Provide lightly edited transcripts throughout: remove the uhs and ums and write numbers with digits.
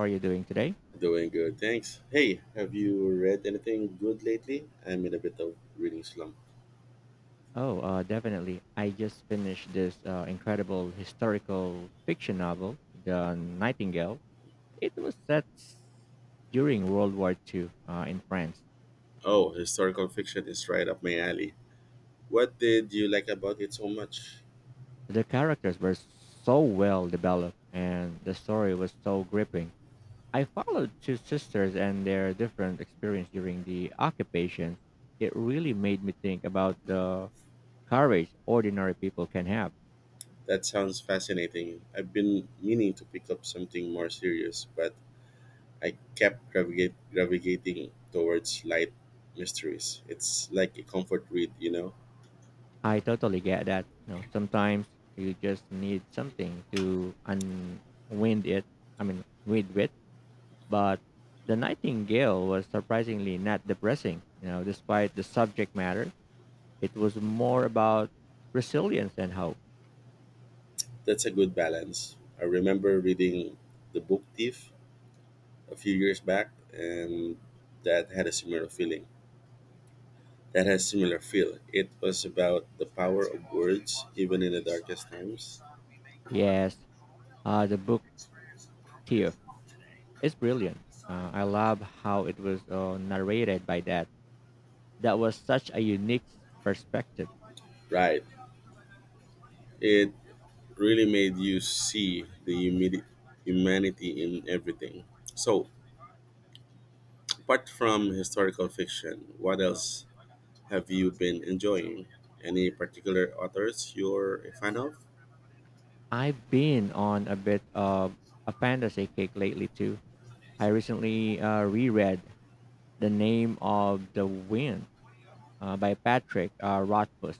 How are you doing today? Doing good, thanks. Hey, have you read anything good lately? I'm in a bit of reading slump. Oh, Definitely. I just finished this incredible historical fiction novel, The Nightingale. It was set during World War II in France. Oh, historical fiction is right up my alley. What did you like about it so much? The characters were so well developed and the story was so gripping. I followed two sisters and their different experience during the occupation. It really made me think about the courage ordinary people can have. That sounds fascinating. I've been meaning to pick up something more serious, but I kept gravitating towards light mysteries. It's like a comfort read, you know? I totally get that. Sometimes you just need something to unwind it. I mean, wind with. But the Nightingale was surprisingly not depressing. You know, despite the subject matter, it was more about resilience and hope. That's a good balance. I remember reading The Book Thief a few years back, and that had a similar feeling. That has similar feel. It was about the power of words, even in the darkest times. Yes, the book thief is brilliant. I love how it was narrated by that. That was such a unique perspective. Right. It really made you see the humanity in everything. So, apart from historical fiction, what else have you been enjoying? Any particular authors you're a fan of? I've been on a bit of a fantasy kick lately too. I recently reread The Name of the Wind by Patrick Rothfuss.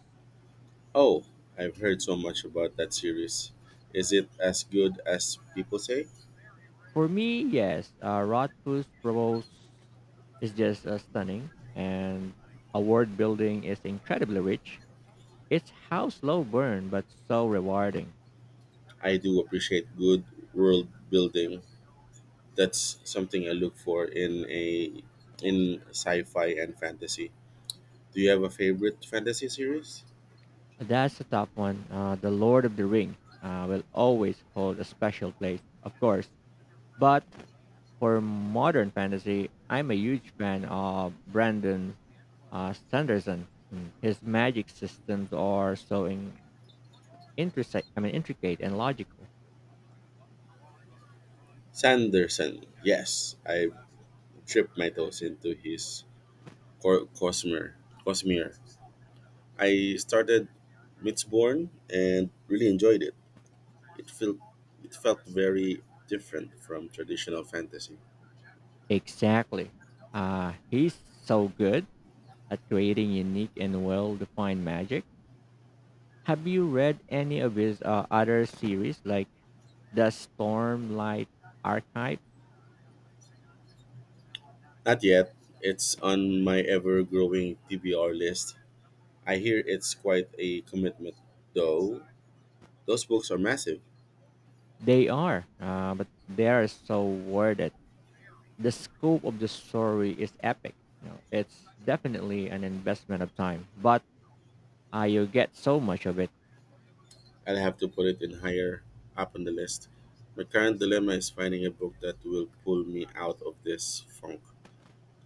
Oh, I've heard so much about that series. Is it as good as people say? For me, yes, Rothfuss prose is just stunning, and a word building is incredibly rich. It's how slow burn, but so rewarding. I do appreciate good world building, that's something I look for in a in sci-fi and fantasy. Do you have a favorite fantasy series? That's a top one. The Lord of the Ring will always hold a special place, of course. But for modern fantasy, I'm a huge fan of Brandon Sanderson. Mm. His magic systems are so in, intricate. I mean, intricate and logical. Sanderson. Yes, I tripped my toes into his Cosmere. Cosmere. I started Mistborn and really enjoyed it. It felt it felt very different from traditional fantasy. Exactly. He's so good at creating unique and well-defined magic. Have you read any of his other series, like the Stormlight Archive? Not yet. It's on my ever-growing TBR list. I hear it's quite a commitment, though. Those books are massive. They are, but they are so worded. The scope of the story is epic. You know, it's definitely an investment of time, but you get so much of it. I'll have to put it in higher up on the list. My current dilemma is finding a book that will pull me out of this funk,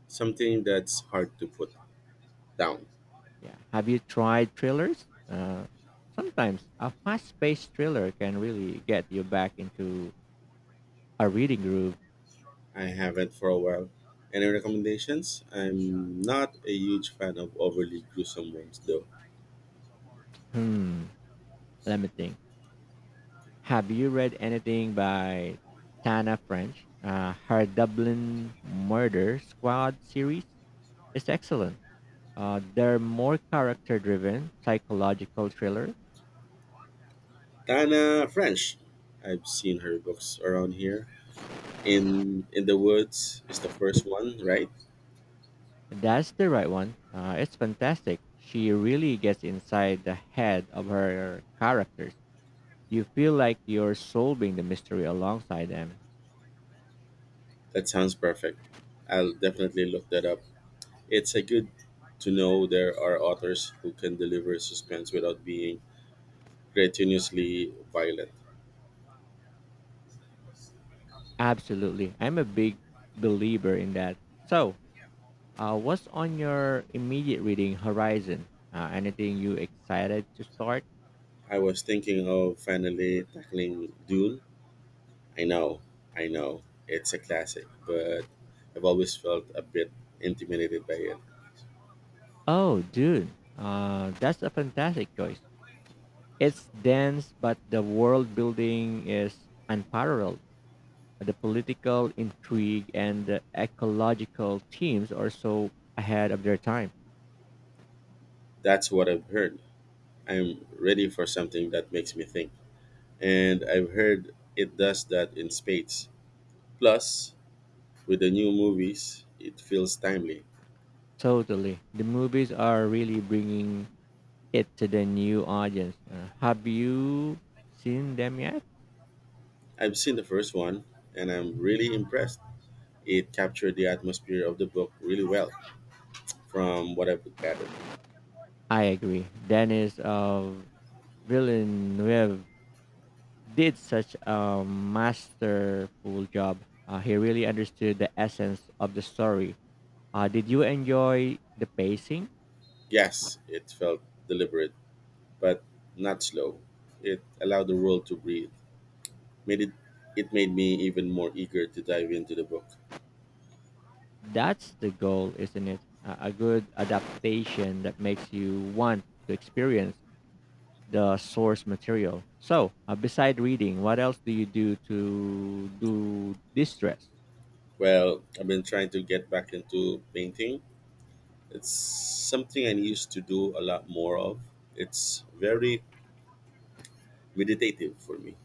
something that's hard to put down. Yeah. Have you tried thrillers? Sometimes a fast-paced thriller can really get you back into a reading groove. I haven't for a while. Any recommendations? I'm not a huge fan of overly gruesome ones, though. Hmm. Let me think. Have you read anything by Tana French? Her Dublin Murder Squad series is excellent. They're more character-driven psychological thriller. Tana French. I've seen her books around here. In the Woods is the first one, right? That's the right one. It's fantastic. She really gets inside the head of her characters. You feel like you're solving the mystery alongside them. That sounds perfect. I'll definitely look that up. It's a good to know there are authors who can deliver suspense without being gratuitously violent. Absolutely. I'm a big believer in that. So, what's on your immediate reading horizon? Anything you excited to start? I was thinking of finally tackling Dune. I know, I know, it's a classic, but I've always felt a bit intimidated by it. Oh, dude, that's a fantastic choice. It's dense, but the world building is unparalleled. The political intrigue and the ecological themes are so ahead of their time. That's what I've heard. I'm ready for something that makes me think. And I've heard it does that in spades. Plus, with the new movies, it feels timely. Totally. The movies are really bringing it to the new audience. Have you seen them yet? I've seen the first one and I'm really impressed. It captured the atmosphere of the book really well, from what I've gathered. I agree. Dennis of Villeneuve did such a masterful job. He really understood the essence of the story. Did you enjoy the pacing? Yes, it felt deliberate, but not slow. It allowed the world to breathe. Made it it made me even more eager to dive into the book. That's the goal, isn't it? A good adaptation that makes you want to experience the source material. So, beside reading, what else do you do to do distress? Well, I've been trying to get back into painting. It's something I used to do a lot more of. It's very meditative for me.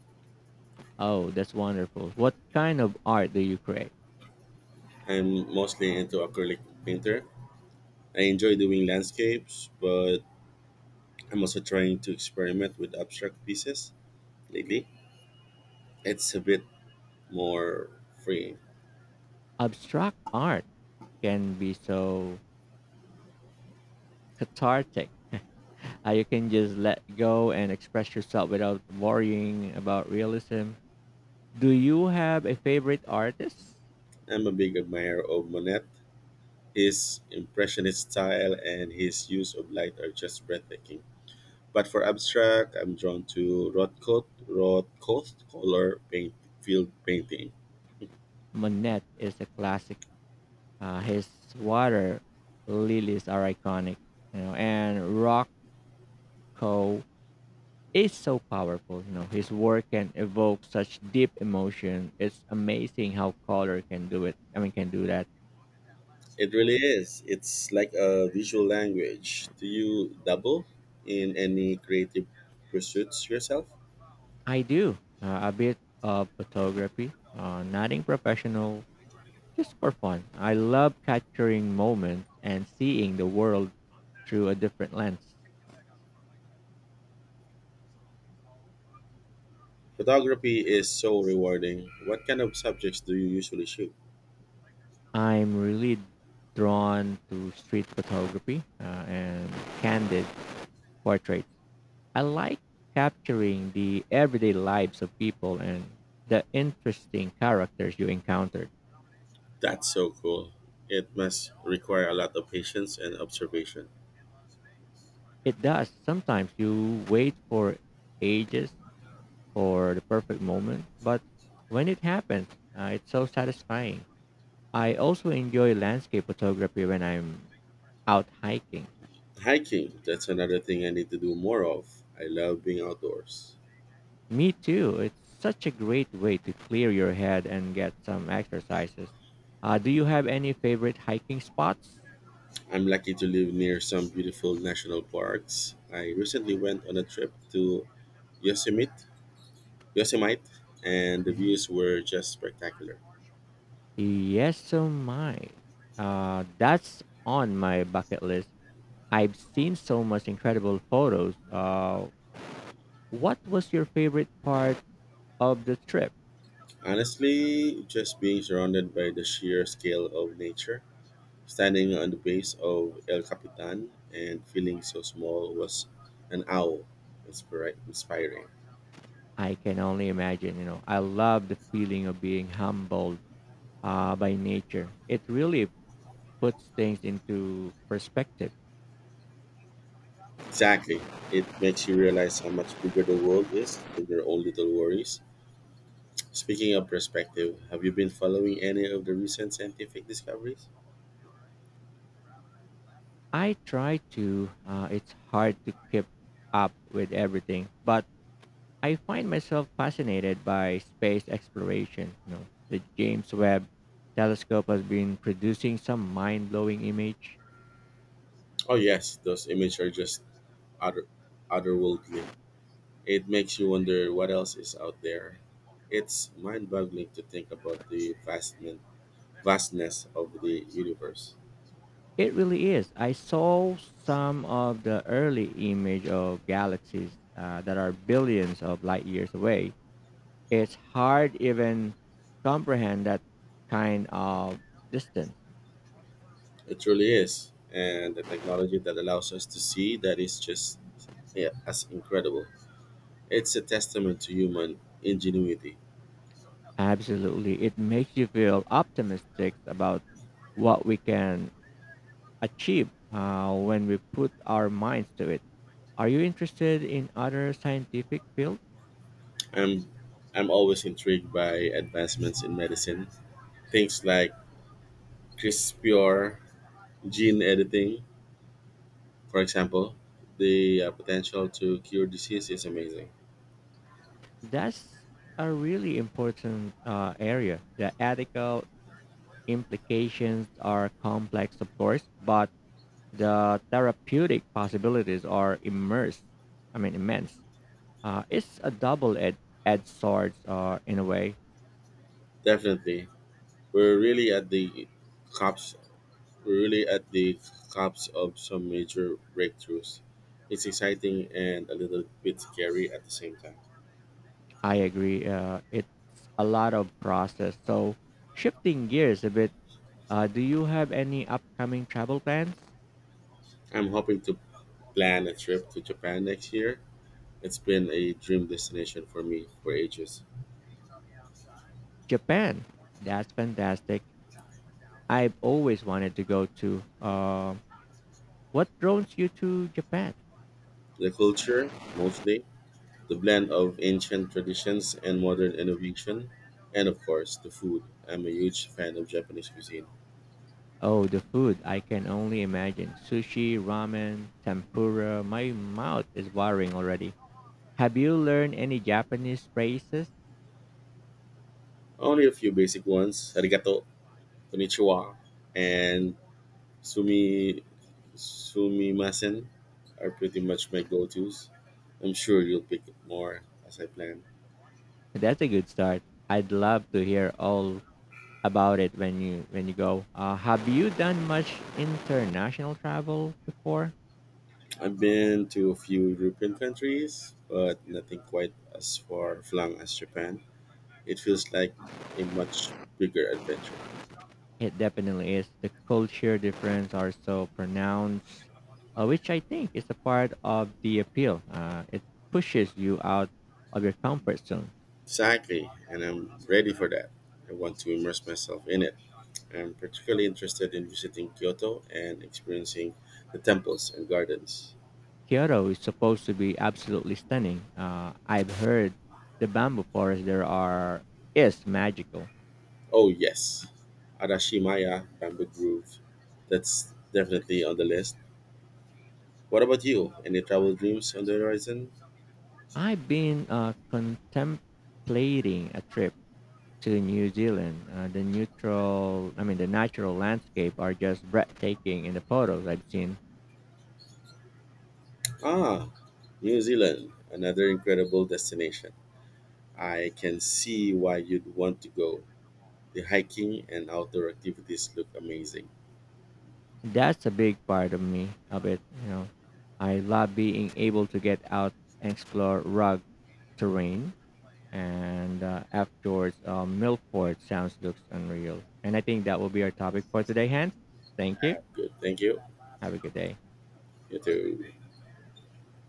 Oh, that's wonderful. What kind of art do you create? I'm mostly into acrylic painter. I enjoy doing landscapes, but I'm also trying to experiment with abstract pieces lately. It's a bit more free. Abstract art can be so cathartic. You can just let go and express yourself without worrying about realism. Do you have a favorite artist? I'm a big admirer of Monet. His impressionist style and his use of light are just breathtaking. But for abstract, I'm drawn to Rothko's color paint, field painting. Monet is a classic. His water lilies are iconic, you know, and Rothko is so powerful. You know, his work can evoke such deep emotion. It's amazing how color can do that. It really is. It's like a visual language. Do you double in any creative pursuits yourself? I do a bit of photography, nothing professional, just for fun. I love capturing moments and seeing the world through a different lens. Photography is so rewarding. What kind of subjects do you usually shoot? I'm really drawn to street photography and candid portraits. I like capturing the everyday lives of people and the interesting characters you encounter. That's so cool. It must require a lot of patience and observation. It does. Sometimes you wait for ages for the perfect moment, but when it happens, it's so satisfying. I also enjoy landscape photography when I'm out hiking. Hiking, that's another thing I need to do more of. I love being outdoors. Me too. It's such a great way to clear your head and get some exercises. Do you have any favorite hiking spots? I'm lucky to live near some beautiful national parks. I recently went on a trip to Yosemite, Yosemite, and the Mhm. views were just spectacular. Yes, so mine. That's on my bucket list. I've seen so much incredible photos. What was your favorite part of the trip? Honestly, just being surrounded by the sheer scale of nature. Standing on the base of El Capitan and feeling so small was an inspiring. I can only imagine. You know, I love the feeling of being humbled by nature. It really puts things into perspective. Exactly. It makes you realize how much bigger the world is than your own little worries. Speaking of perspective, have you been following any of the recent scientific discoveries? I try to. It's hard to keep up with everything, but I find myself fascinated by space exploration. You know, the James Webb Telescope has been producing some mind-blowing image. Oh, yes, those images are just other, otherworldly. It makes you wonder what else is out there. It's mind boggling to think about the vastness of the universe. It really is. I saw some of the early image of galaxies that are billions of light years away. It's hard even comprehend that kind of distance. It truly is. And the technology that allows us to see that is just, yeah, as incredible. It's a testament to human ingenuity. Absolutely. It makes you feel optimistic about what we can achieve when we put our minds to it. Are you interested in other scientific fields? I'm I'm always intrigued by advancements in medicine. Things like CRISPR gene editing, for example, the potential to cure disease is amazing. That's a really important area, the ethical implications are complex, of course, but the therapeutic possibilities are immense. It's a double-edged edged sword in a way. Definitely. We're really at the cops really at the cusp of some major breakthroughs. It's exciting and a little bit scary at the same time. I agree. It's a lot of process. So, shifting gears a bit, do you have any upcoming travel plans? I'm hoping to plan a trip to Japan next year. It's been a dream destination for me for ages. Japan. That's fantastic. I've always wanted to go to. What draws you to Japan? The culture, mostly, the blend of ancient traditions and modern innovation, and of course, the food. I'm a huge fan of Japanese cuisine. Oh, the food. I can only imagine. Sushi, ramen, tempura. My mouth is watering already. Have you learned any Japanese phrases? Only a few basic ones: arigato, konnichiwa, and Sumi Sumimasen are pretty much my go-tos. I'm sure you'll pick up more as I plan. That's a good start. I'd love to hear all about it when you go. Have you done much international travel before? I've been to a few European countries, but nothing quite as far flung as Japan. It feels like a much bigger adventure. It definitely is. The culture difference are so pronounced, which I think is a part of the appeal. It pushes you out of your comfort zone. Exactly, and I'm ready for that. I want to immerse myself in it. I'm particularly interested in visiting Kyoto and experiencing the temples and gardens. Kyoto is supposed to be absolutely stunning. I've heard the bamboo forest there are is magical. Oh yes, Arashimaya Bamboo Grove. That's definitely on the list. What about you? Any travel dreams on the horizon? I've been contemplating a trip to New Zealand. The neutral, I mean, the natural landscape are just breathtaking in the photos I've seen. Ah, New Zealand, another incredible destination. I can see why you'd want to go. The hiking and outdoor activities look amazing. That's a big part of me of it. You know, I love being able to get out and explore rugged terrain and F. George Milford sounds looks unreal. And I think that will be our topic for today, Hans. Thank you. Ah, good, thank you. Have a good day. You too.